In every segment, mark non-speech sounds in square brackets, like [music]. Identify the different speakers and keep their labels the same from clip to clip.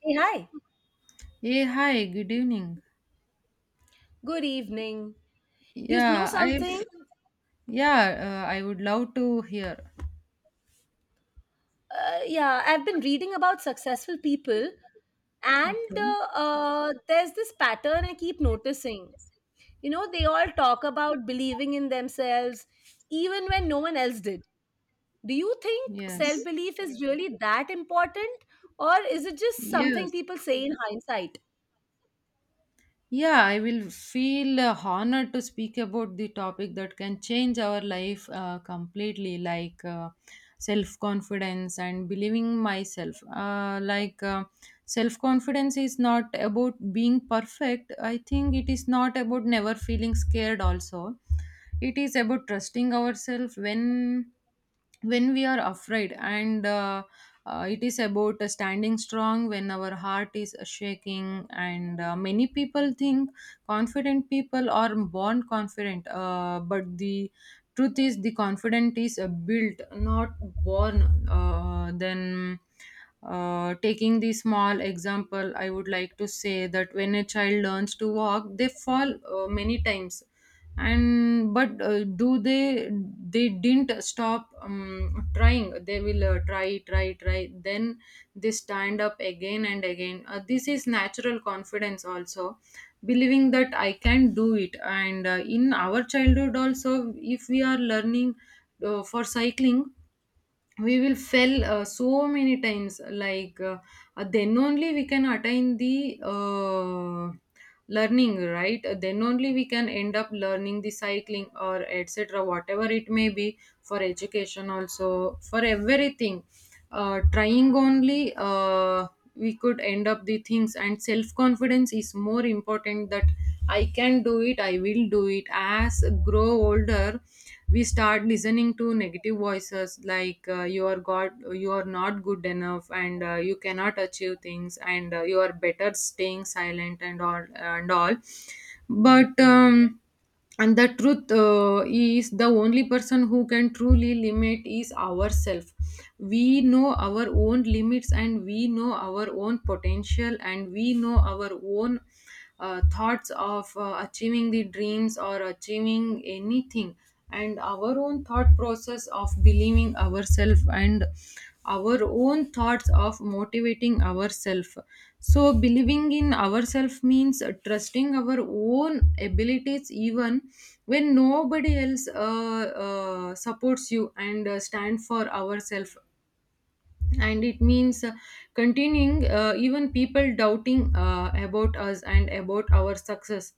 Speaker 1: Hey, hi.
Speaker 2: Hey, hi, good evening.
Speaker 1: Good evening. You know
Speaker 2: Yeah, I've
Speaker 1: something?
Speaker 2: yeah, I would love to hear.
Speaker 1: Yeah, I've been reading about successful people, and
Speaker 2: Okay.
Speaker 1: there's this pattern I keep noticing. You know, they all talk about believing in themselves, even when no one else did. Do you think self
Speaker 2: Yes.
Speaker 1: belief is really that important, or is it just something
Speaker 2: Yes.
Speaker 1: people say in hindsight?
Speaker 2: Yeah, I will feel honored to speak about the topic that can change our life completely, self confidence and believing myself. Self confidence is not about being perfect. I think it is not about never feeling scared, also. It is about trusting ourselves when we are afraid, and it is about standing strong when our heart is shaking, and many people think confident people are born confident, but the truth is the confident is built not born, then taking the small example. I would like to say that when a child learns to walk, they fall many times, and but do they didn't stop trying. They will try, try, try, then they stand up again and again. This is natural confidence also, believing that I can do it. And in our childhood also, if we are learning for cycling, we will fail so many times, then only we can attain the learning, right? Then only we can end up learning the cycling or etc, whatever it may be, for education also, for everything. Trying only, we could end up the things. And self confidence is more important, that I can do it, I will do it. As grow older, we start listening to negative voices, like you are god, you are not good enough, and you cannot achieve things, and you are better staying silent and all and all. But and the truth is, the only person who can truly limit is ourselves. We know our own limits, and we know our own potential, and we know our own thoughts of achieving the dreams or achieving anything, and our own thought process of believing ourselves, and our own thoughts of motivating ourselves. So believing in ourselves means trusting our own abilities, even when nobody else supports you, and stand for ourselves. And it means continuing, even people doubting about us and about our success.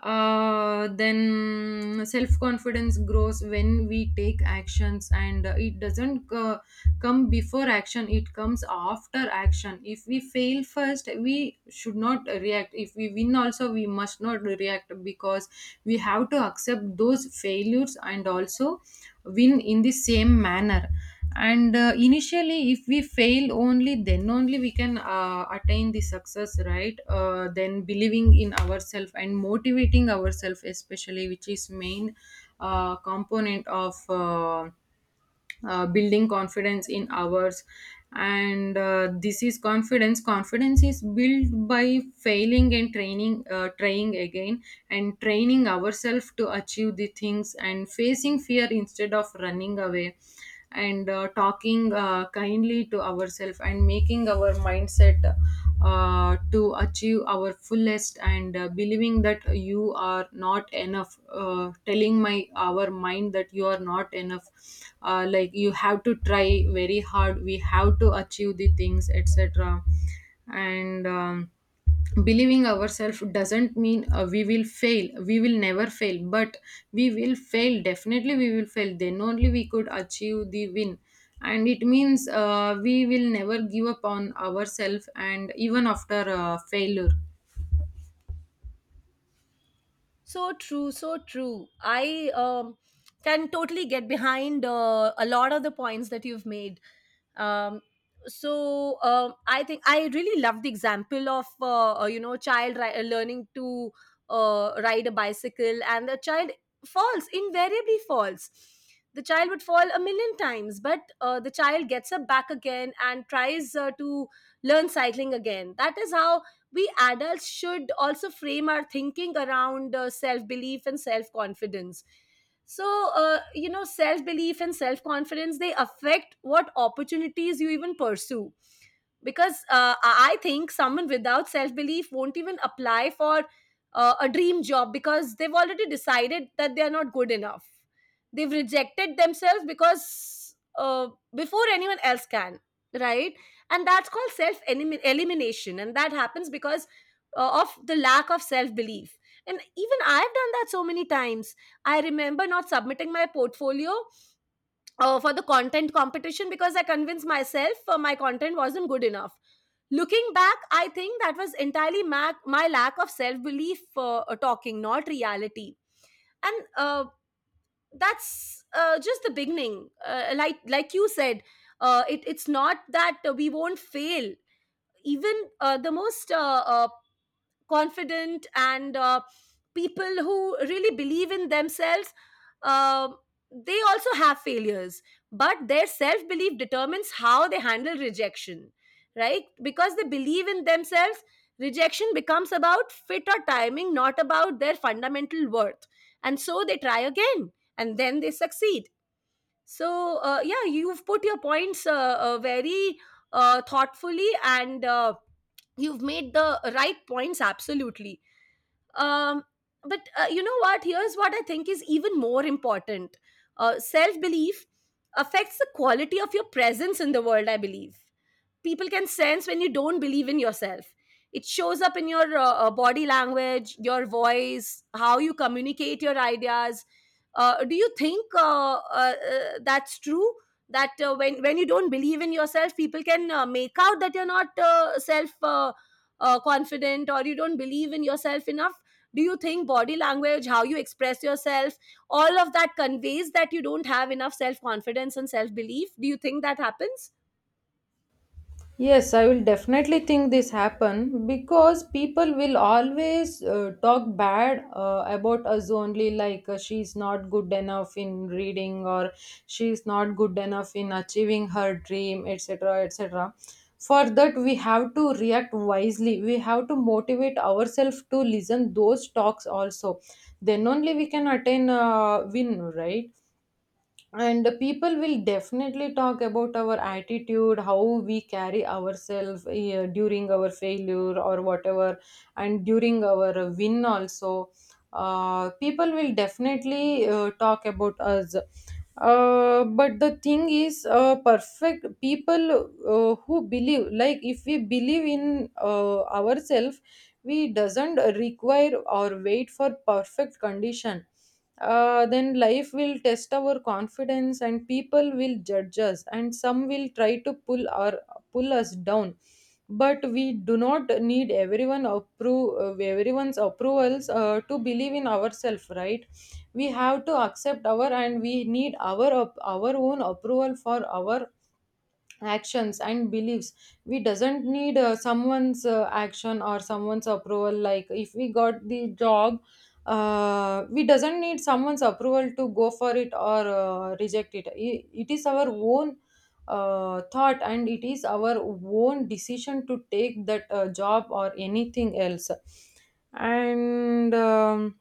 Speaker 2: Then self confidence grows when we take actions, and it doesn't come before action, it comes after action. If we fail first, we should not react. If we win also, we must not react, because we have to accept those failures, and also win in the same manner. And initially, if we fail, only then only we can attain the success, right? Then believing in ourselves and motivating ourselves especially, which is main component of building confidence in hours. And this is confidence. Is built by failing and training trying again, and training ourselves to achieve the things, and facing fear instead of running away, and talking kindly to ourselves, and making our mindset to achieve our fullest, and believing that you are not enough, telling my our mind that you are not enough. Like, you have to try very hard, we have to achieve the things etc. and Believing ourselves doesn't mean we will never fail, but we will fail definitely, we will fail, then only we could achieve the win. And it means we will never give up on ourselves, and even after failure.
Speaker 1: So true, so true. I can totally get behind a lot of the points that you've made. Um, I think I really love the example of you know learning to ride a bicycle, and the child falls invariably falls. The child would fall a million times, but the child gets up back again and tries to learn cycling again. That is how we adults should also frame our thinking around self belief and self confidence. So you know, self belief and self confidence, they affect what opportunities you even pursue, because I think someone without self belief won't even apply for a dream job, because they've already decided that they are not good enough. They've rejected themselves because uh, before anyone else can, right? And that's called self elimination, and that happens because of the lack of self belief. And even I've done that so many times. I remember not submitting my portfolio for the content competition because I convinced myself my content wasn't good enough. Looking back, I think that was entirely my lack of self belief talking, not reality. And that's just the beginning. Like you said, it's not that we won't fail. Even the most uh, confident and people who really believe in themselves, um they also have failures, but their self belief determines how they handle rejection. Right, because they believe in themselves, rejection becomes about fit or timing, not about their fundamental worth. And so they try again, and then they succeed. So, yeah, you've put your points very thoughtfully, and you've made the right points, absolutely. Um, but you know what? Here's what I think is even more important. Self belief affects the quality of your presence in the world, I believe. People can sense when you don't believe in yourself. It shows up in your body language, your voice, how you communicate your ideas. Do you think that's true, that when you don't believe in yourself, people can make out that you're not self confident, or you don't believe in yourself enough? Do you think body language, how you express yourself, all of that conveys that you don't have enough self confidence and self belief? Do you think that happens?
Speaker 2: Yes, I will definitely think this happen, because people will always talk bad about us only, like she's not good enough in reading, or she's not good enough in achieving her dream, etc, etc. For that we have to react wisely. We have to motivate ourselves to listen those talks also. Then only we can attain win, right? And people will definitely talk about our attitude, how we carry ourselves during our failure or whatever, and during our win also. People will definitely talk about us, but the thing is, perfect people, who believe, like if we believe in ourselves, we doesn't require or wait for perfect condition. Then life will test our confidence, and people will judge us, and some will try to pull us down. But we do not need everyone's approvals to believe in ourselves, right? We have to accept our, and we need our our own approval for our actions and beliefs. We doesn't need someone's action or someone's approval. Like if we got the job, we doesn't need someone's approval to go for it or reject it. It is our own thought, and it is our own decision to take that job or anything else. And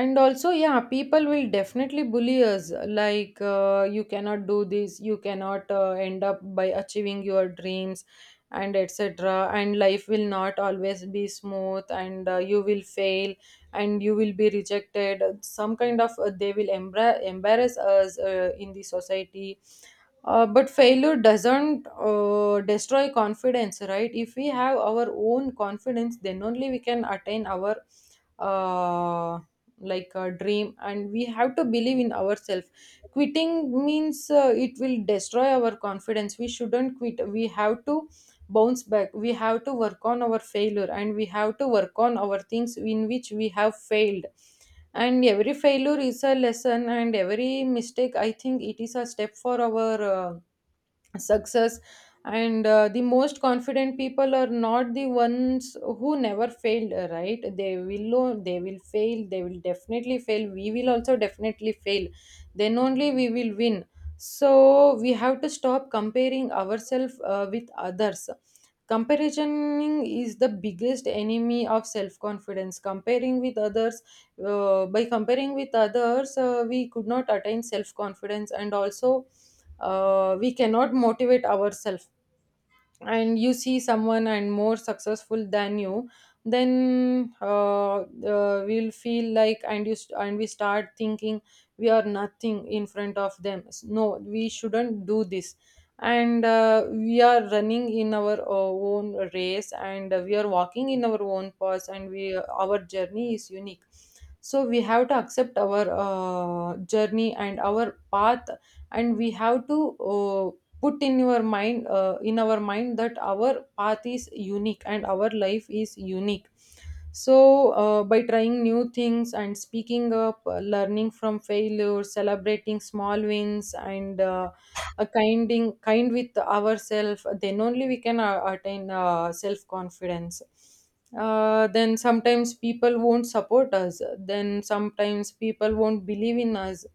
Speaker 2: and also, yeah, people will definitely bully us, like you cannot do this, you cannot end up by achieving your dreams and etc. And life will not always be smooth, and you will fail, and you will be rejected, some kind of they will embarrass us in the society. But failure doesn't destroy confidence, right? If we have our own confidence, then only we can attain our uh, like a dream, and we have to believe in ourselves. Quitting means it will destroy our confidence. We shouldn't quit. We have to bounce back, we have to work on our failure, and we have to work on our things in which we have failed. And every failure is a lesson, and every mistake, I think, it is a step for our success. And the most confident people are not the ones who never failed, right? They will know they will fail, they will definitely fail, we will also definitely fail, then only we will win. So we have to stop comparing ourselves with others. Comparison is the biggest enemy of self confidence, comparing with others. By comparing with others, we could not attain self confidence, and also we cannot motivate ourselves. And you see someone and more successful than you, then we'll feel like, and we start thinking we are nothing in front of them. No, we shouldn't do this. And we are running in our own race, and we are walking in our own path, and we our journey is unique. So we have to accept our journey and our path, and we have to put in your mind, in our mind, that our path is unique and our life is unique. So by trying new things, and speaking up, learning from failure, celebrating small wins, and a kinding kind with ourselves, then only we can attain self confidence. Then sometimes people won't support us, then sometimes people won't believe in us,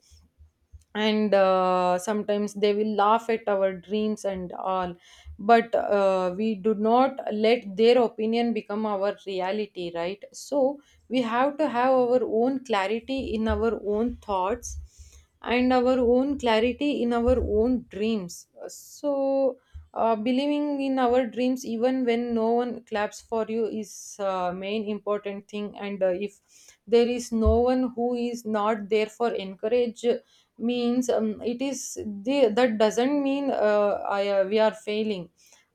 Speaker 2: and sometimes they will laugh at our dreams and all. But we do not let their opinion become our reality, right? So we have to have our own clarity in our own thoughts, and our own clarity in our own dreams. So believing in our dreams, even when no one claps for you, is main important thing. And if there is no one who is not there for encourage means, that doesn't mean we are failing,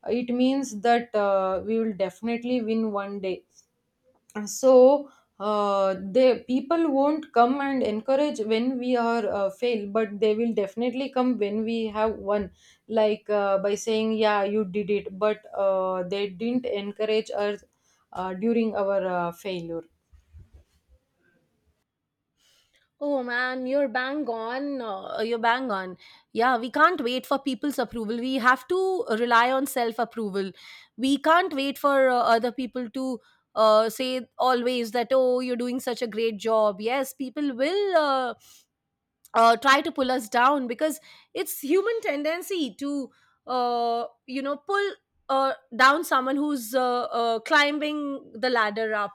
Speaker 2: it means that we will definitely win one day. So the people won't come and encourage when we are fail, but they will definitely come when we have won, like by saying yeah you did it, but they didn't encourage us during our failure.
Speaker 1: Oh man, you're bang on. You're bang on. Yeah, we can't wait for people's approval. We have to rely on self approval. We can't wait for other people to say always that, oh, you're doing such a great job. Yes, people will try to pull us down, because it's human tendency to you know, pull down someone who's climbing the ladder up.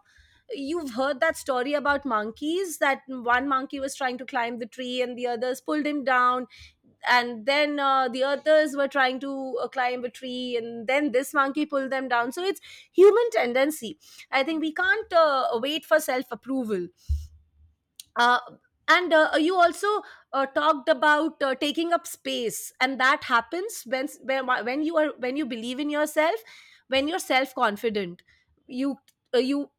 Speaker 1: You've heard that story about monkeys, that one monkey was trying to climb the tree and the others pulled him down, and then the others were trying to climb a tree, and then this monkey pulled them down. So it's human tendency. I think we can't wait for self approval. uh, and you also talked about taking up space, and that happens when you are, when you believe in yourself, when you're self confident, you you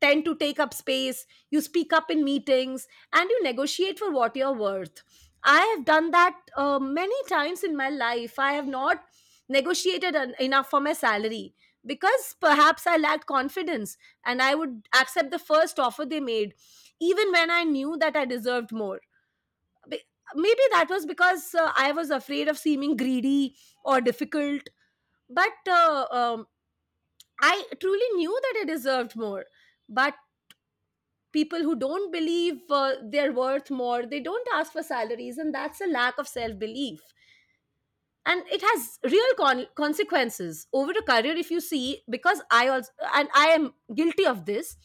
Speaker 1: tend to take up space. You speak up in meetings, and you negotiate for what you're worth. I have done that many times in my life. I have not enough for my salary, because perhaps I lacked confidence, and I would accept the first offer they made, even when I knew that I deserved more. Be- Maybe that was because I was afraid of seeming greedy or difficult, but I truly knew that I deserved more. But people who don't believe they're worth more, they don't ask for salaries, and that's a lack of self belief. And it has consequences over a career, if you see, because I also, and I am guilty of this,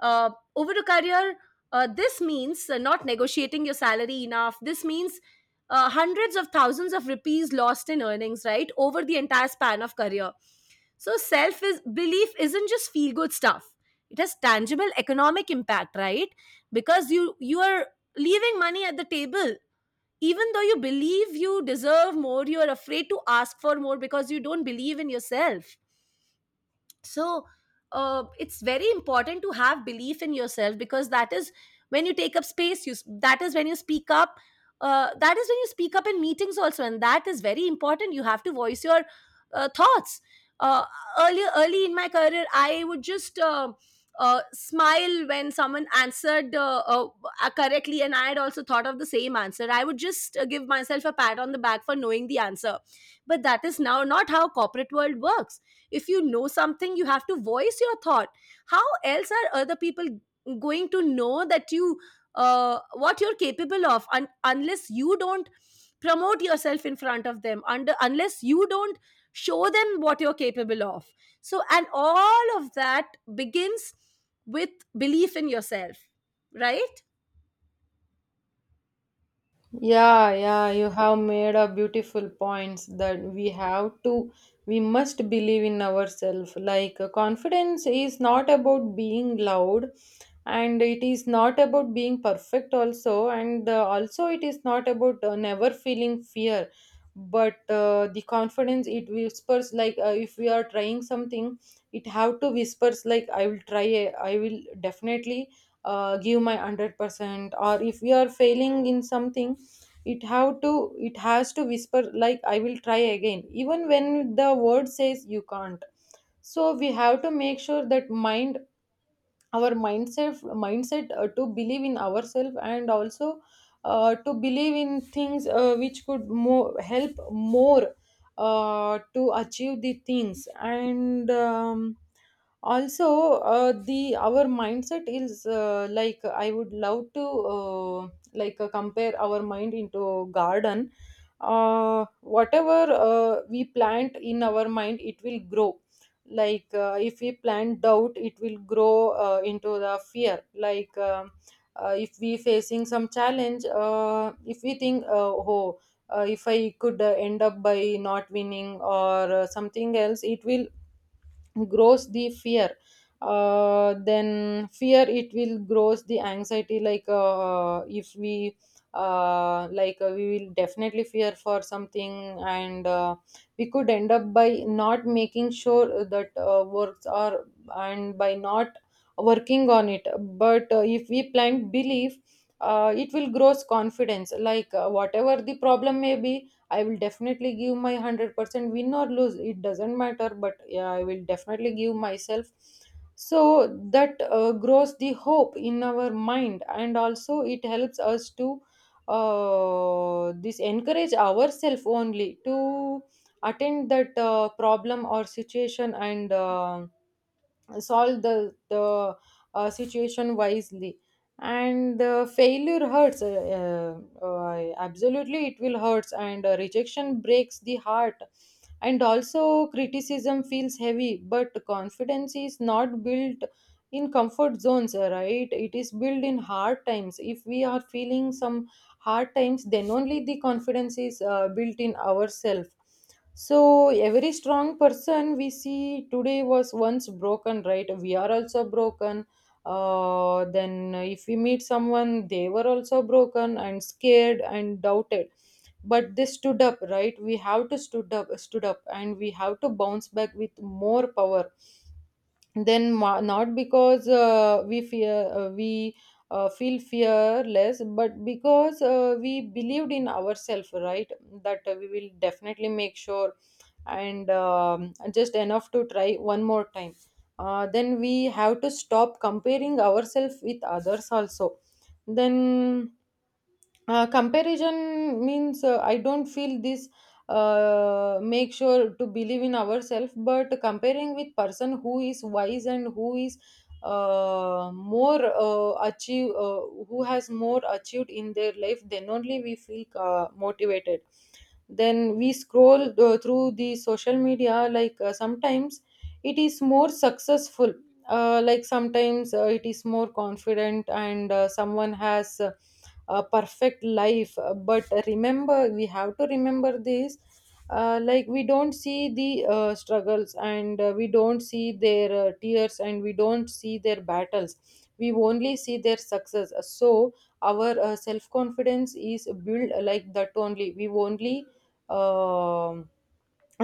Speaker 1: uh, over a career, this means not negotiating your salary enough. This means hundreds of thousands of rupees lost in earnings, right, over the entire span of career. So self is belief isn't just feel good stuff. It has tangible economic impact, right? Because you are leaving money at the table. Even though you believe you deserve more, you are afraid to ask for more because you don't believe in yourself. So it's very important to have belief in yourself, because that is when you take up space, you that is when you speak up. That is when you speak up in meetings also, and that is very important. You have to voice your thoughts. uh, Earlier, early in my career, I would just smile when someone answered correctly, and I had also thought of the same answer. I would just give myself a pat on the back for knowing the answer. But that is now not how corporate world works. If you know something, you have to voice your thought. How else are other people going to know that you, what you're capable of, unless you don't promote yourself in front of them, under, unless you don't show them what you're capable of? So, and all of that begins with belief in yourself, right?
Speaker 2: Yeah, yeah, you have made a beautiful points, that we have to, we must believe in ourselves. Like confidence is not about being loud, and it is not about being perfect also, and also it is not about never feeling fear, but the confidence it whispers like, if we are trying something, it have to whispers like, I will try it, I will definitely give my 100%. Or if we are failing in something, it has to whisper like, I will try again even when the word says you can't. So we have to make sure that mind our mindset to believe in ourselves, and also to believe in things which could more help more to achieve the things. And also, the our mindset is, like I would love to uh, compare our mind into garden. Whatever we plant in our mind, it will grow. Like, if we plant doubt, it will grow into the fear. If we facing some challenge, if we think, oh, if I could end up by not winning, or something else, it will grows the fear. Then fear, it will grows the anxiety. Like, if we we will definitely fear for something. And we could end up by not making sure that works are, and by not working on it. But if we plant belief, it will grows confidence. Like, whatever the problem may be, I will definitely give my 100%, win or lose. It doesn't matter, but yeah, I will definitely give myself. So that grows the hope in our mind, and also it helps us to this encourage ourselves only to attend that problem or situation, and solve the situation wisely. And the failure hurts, absolutely it will hurts, and rejection breaks the heart, and also criticism feels heavy. But confidence is not built in comfort zones, right? It is built in hard times. If we are feeling some hard times, then only the confidence is built in ourselves. So every strong person we see today was once broken, right? We are also broken. Then if we meet someone, they were also broken and scared and doubted. But they stood up, right? We have to stood up, and we have to bounce back with more power, not because we fear, we feel fearless, but because we believed in ourselves, right? That we will definitely make sure, and just enough to try one more time. Then we have to stop comparing ourselves with others also. Then comparison means, I don't feel this, make sure to believe in ourselves, but comparing with person who is wise and who is more achieve who has more achieved in their life, then only we feel motivated. Then we scroll through the social media. Like, sometimes it is more successful, like sometimes it is more confident, and someone has a perfect life. But remember, we have to remember this, like we don't see the struggles, and we don't see their tears, and we don't see their battles. We only see their success. So our self confidence is built like that. Only we only um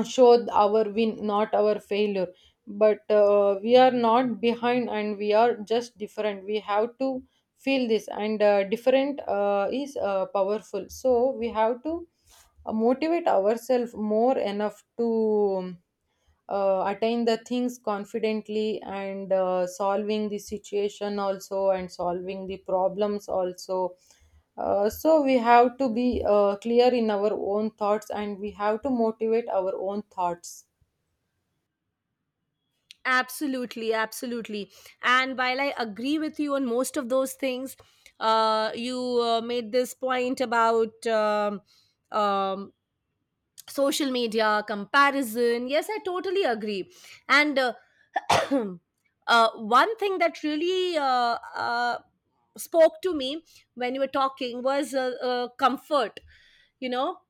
Speaker 2: showed our win, not our failure. But we are not behind, and we are just different. We have to feel this, and different is powerful. So we have to motivate ourselves more enough to attain the things confidently, and solving the situation also, and solving the problems also. So we have to be clear in our own thoughts, and we have to motivate our own thoughts.
Speaker 1: Absolutely, absolutely. And while I agree with you on most of those things, you made this point about um, social media comparison. Yes, I totally agree. And [clears throat] one thing that really spoke to me when you were talking was comfort, you know.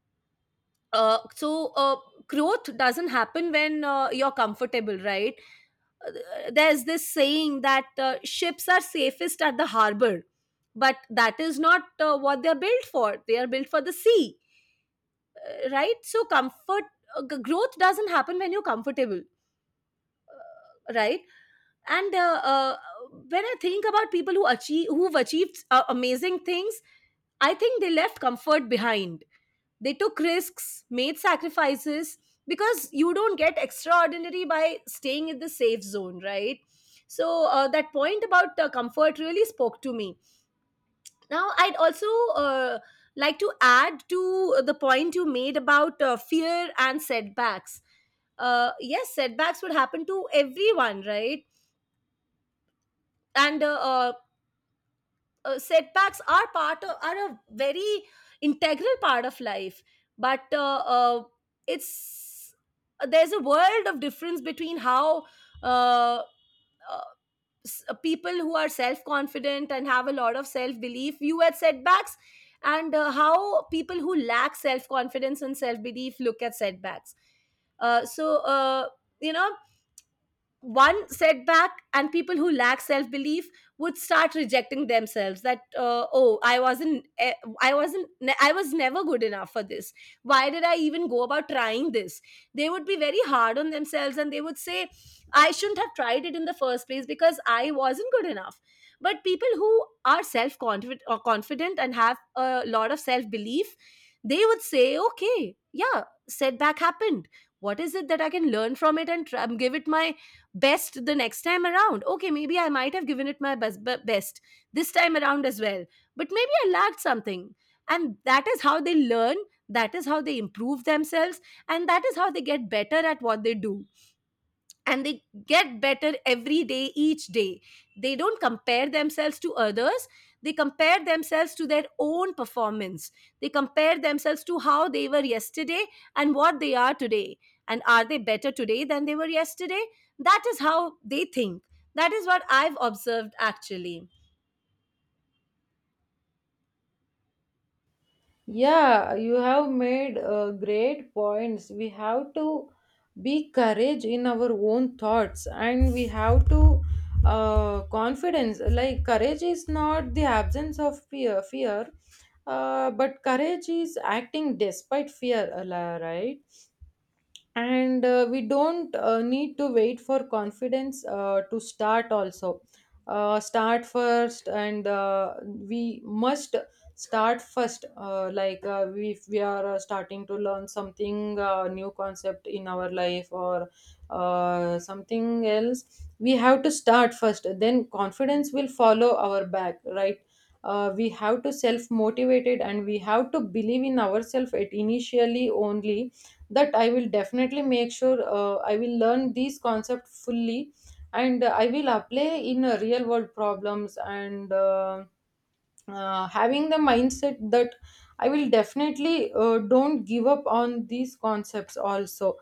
Speaker 1: So growth doesn't happen when you're comfortable, right? Uh, There's this saying that ships are safest at the harbor, but that is not what they're built for. They are built for the sea, right? So comfort, growth doesn't happen when you're comfortable, right? And when I think about people who achieve who've achieved amazing things, I think they left comfort behind. They took risks, made sacrifices, because you don't get extraordinary by staying in the safe zone, right? So that point about comfort really spoke to me. Now, I'd also uh, like to add to the point you made about fear and setbacks. Yes, setbacks would happen to everyone, right? And setbacks are part of are a very integral part of life. But it's there's a world of difference between how uh, uh, people who are self-confident and have a lot of self-belief view at setbacks, and how people who lack self-confidence and self-belief look at setbacks. So you know, one setback, and people who lack self belief would start rejecting themselves, that oh, I wasn't I was never good enough for this. Why did I even go about trying this? They would be very hard on themselves, and they would say, I shouldn't have tried it in the first place because I wasn't good enough. But people who are self confident or confident and have a lot of self belief, they would say, okay, yeah, setback happened. What is it that I can learn from it and try, give it my best the next time around. Okay, maybe I might have given it my best this time around as well, but maybe I lacked something. And that is how they learn, that is how they improve themselves, and that is how they get better at what they do. And they get better every day, each day. They don't compare themselves to others. They compare themselves to their own performance. They compare themselves to how they were yesterday and what they are today, and are they better today than they were yesterday. That is how they think. That is what I've observed actually.
Speaker 2: Yeah, you have made great points. We have to be courage in our own thoughts, and we have to confidence. Like courage is not the absence of fear, but courage is acting despite fear, right? And we don't need to wait for confidence to start also. Start first, and we must start first. If we are starting to learn something, new concept in our life, or something else, we have to start first. Then confidence will follow our back, right? We have to self motivated, and we have to believe in ourselves at initially only, that I will definitely make sure I will learn these concepts fully, and I will apply in real world problems. And having the mindset that I will definitely don't give up on these concepts also.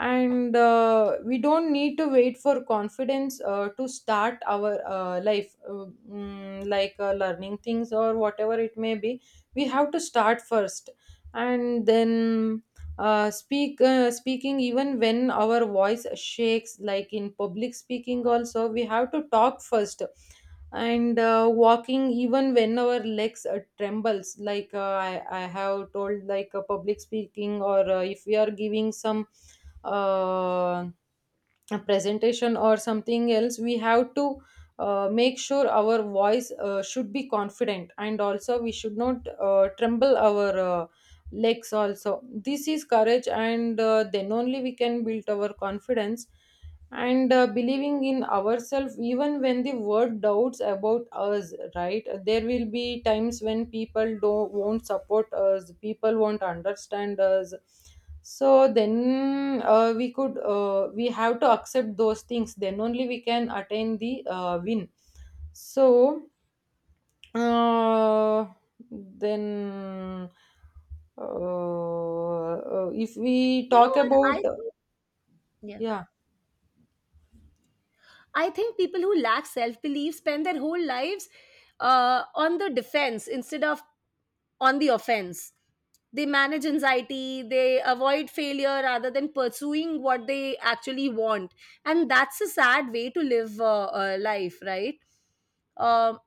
Speaker 2: And we don't need to wait for confidence to start our life, like learning things or whatever it may be. We have to start first, and then speaking even when our voice shakes, like in public speaking also we have to talk first. And walking even when our legs trembles, like, I have told, like a public speaking, or if we are giving some uh, a presentation or something else, we have to make sure our voice should be confident, and also we should not tremble our legs also. This is courage, and then only we can build our confidence. And believing in ourselves even when the world doubts about us, right? There will be times when people don't won't support us, people won't understand us. So then we have to accept those things, then only we can attain the win. So uh, then if we
Speaker 1: You know
Speaker 2: talk
Speaker 1: what
Speaker 2: about,
Speaker 1: I think? Yeah,
Speaker 2: yeah.
Speaker 1: I think people who lack self belief spend their whole lives on the defense instead of on the offense. They manage anxiety, they avoid failure rather than pursuing what they actually want. And that's a sad way to live life, right? Um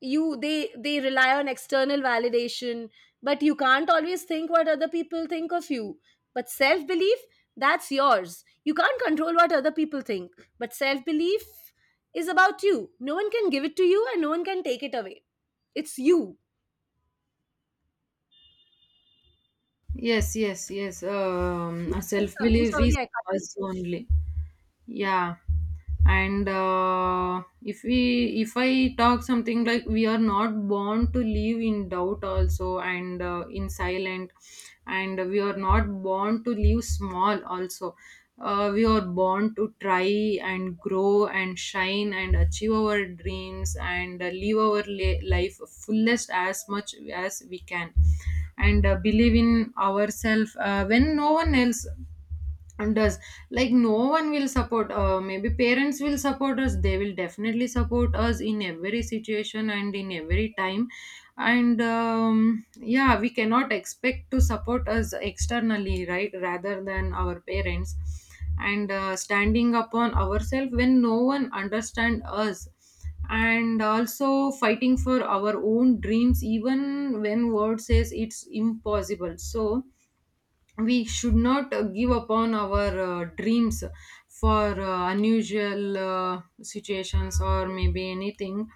Speaker 1: you, they rely on external validation, but you can't always think what other people think of you. But self belief, that's yours. You can't control what other people think, but self belief is about you. No one can give it to you, and no one can take it away. It's you.
Speaker 2: Yes, yes, yes.
Speaker 1: You were saying
Speaker 2: Self
Speaker 1: something.
Speaker 2: belief
Speaker 1: Sorry,
Speaker 2: is
Speaker 1: I cut you.
Speaker 2: us only. Yeah. And if I talk something, like we are not born to live in doubt also, and in silent, and we are not born to live small also. We are born to try and grow and shine and achieve our dreams, and live our life fullest as much as we can, and believe in ourselves when no one else and does. Like, no one will support, maybe parents will support us, they will definitely support us in every situation and in every time. And yeah, we cannot expect to support us externally, right, rather than our parents. And standing upon ourselves when no one understand us, and also fighting for our own dreams even when world says it's impossible. So we should not give up on our dreams for unusual situations or maybe anything.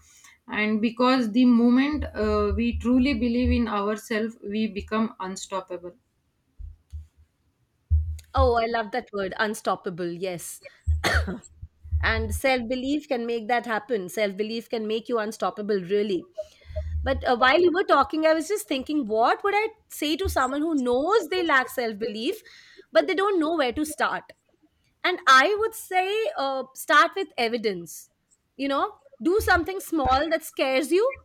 Speaker 2: And because the moment we truly believe in ourselves, we become unstoppable.
Speaker 1: Oh, I love that word, unstoppable. Yes. And self belief can make that happen. Self belief can make you unstoppable, really. But while you were talking, I was just thinking, what would I say to someone who knows they lack self belief, but they don't know where to start? And I would say, start with evidence. You know, do something small that scares you,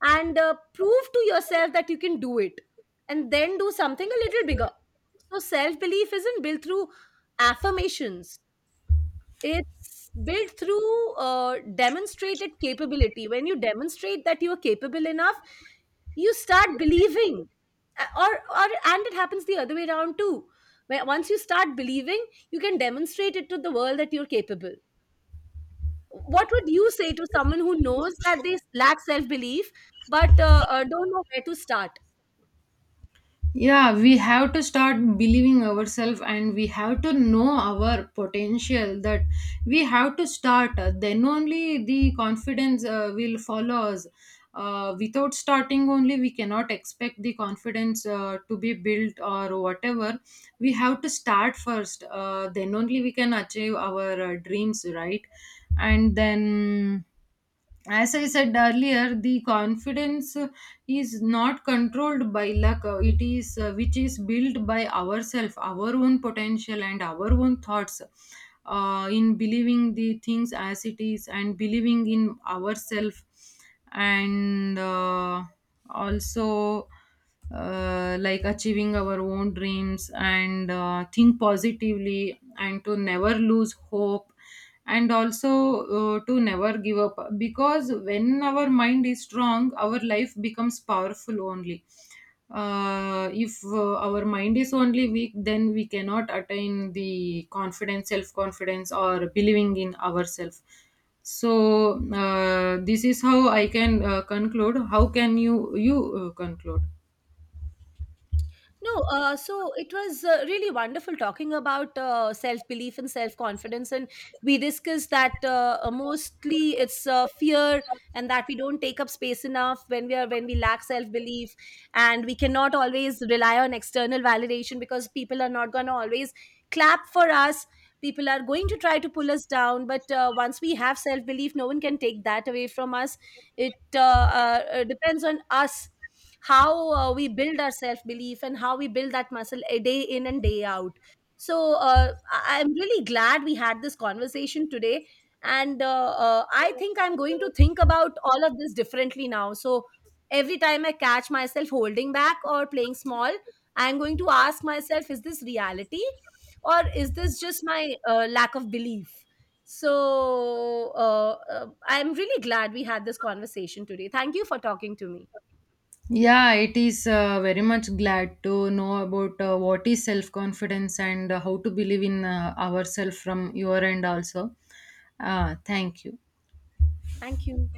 Speaker 1: and prove to yourself that you can do it, and then do something a little bigger. So self belief isn't built through affirmations. It's built through demonstrated capability. When you demonstrate that you are capable enough, you start believing. Or, and it happens the other way around too, where once you start believing, you can demonstrate it to the world that you're capable. What would you say to someone who knows that they lack self belief, but don't know where to start?
Speaker 2: Yeah, we have to start believing ourselves, and we have to know our potential, that we have to start, then only the confidence will follow us. Without starting only, we cannot expect the confidence to be built or whatever. We have to start first, then only we can achieve our dreams, right? And then, as I said earlier, the confidence is not controlled by luck. It is which is built by ourselves, our own potential, and our own thoughts. In believing the things as it is, and believing in ourselves, and also like achieving our own dreams, and think positively, and to never lose hope, and also to never give up. Because when our mind is strong, our life becomes powerful only. If our mind is only weak, then we cannot attain the confidence, self confidence, or believing in ourselves. So this is how I can conclude. How can you conclude?
Speaker 1: No, so it was really wonderful talking about self belief and self confidence. And we discussed that mostly it's fear, and that we don't take up space enough when we lack self belief, and we cannot always rely on external validation because people are not gonna always clap for us. People are going to try to pull us down, but once we have self belief, no one can take that away from us. It depends on us how we build our self belief and how we build that muscle a day in and day out. So I'm really glad we had this conversation today, and I think I'm going to think about all of this differently now. So every time I catch myself holding back or playing small, I'm going to ask myself, is this reality, or is this just my lack of belief? So I'm really glad we had this conversation today. Thank you for talking to me.
Speaker 2: Yeah, it is very much glad to know about what is self confidence, and how to believe in ourselves from your end also. Thank you.
Speaker 1: Thank you.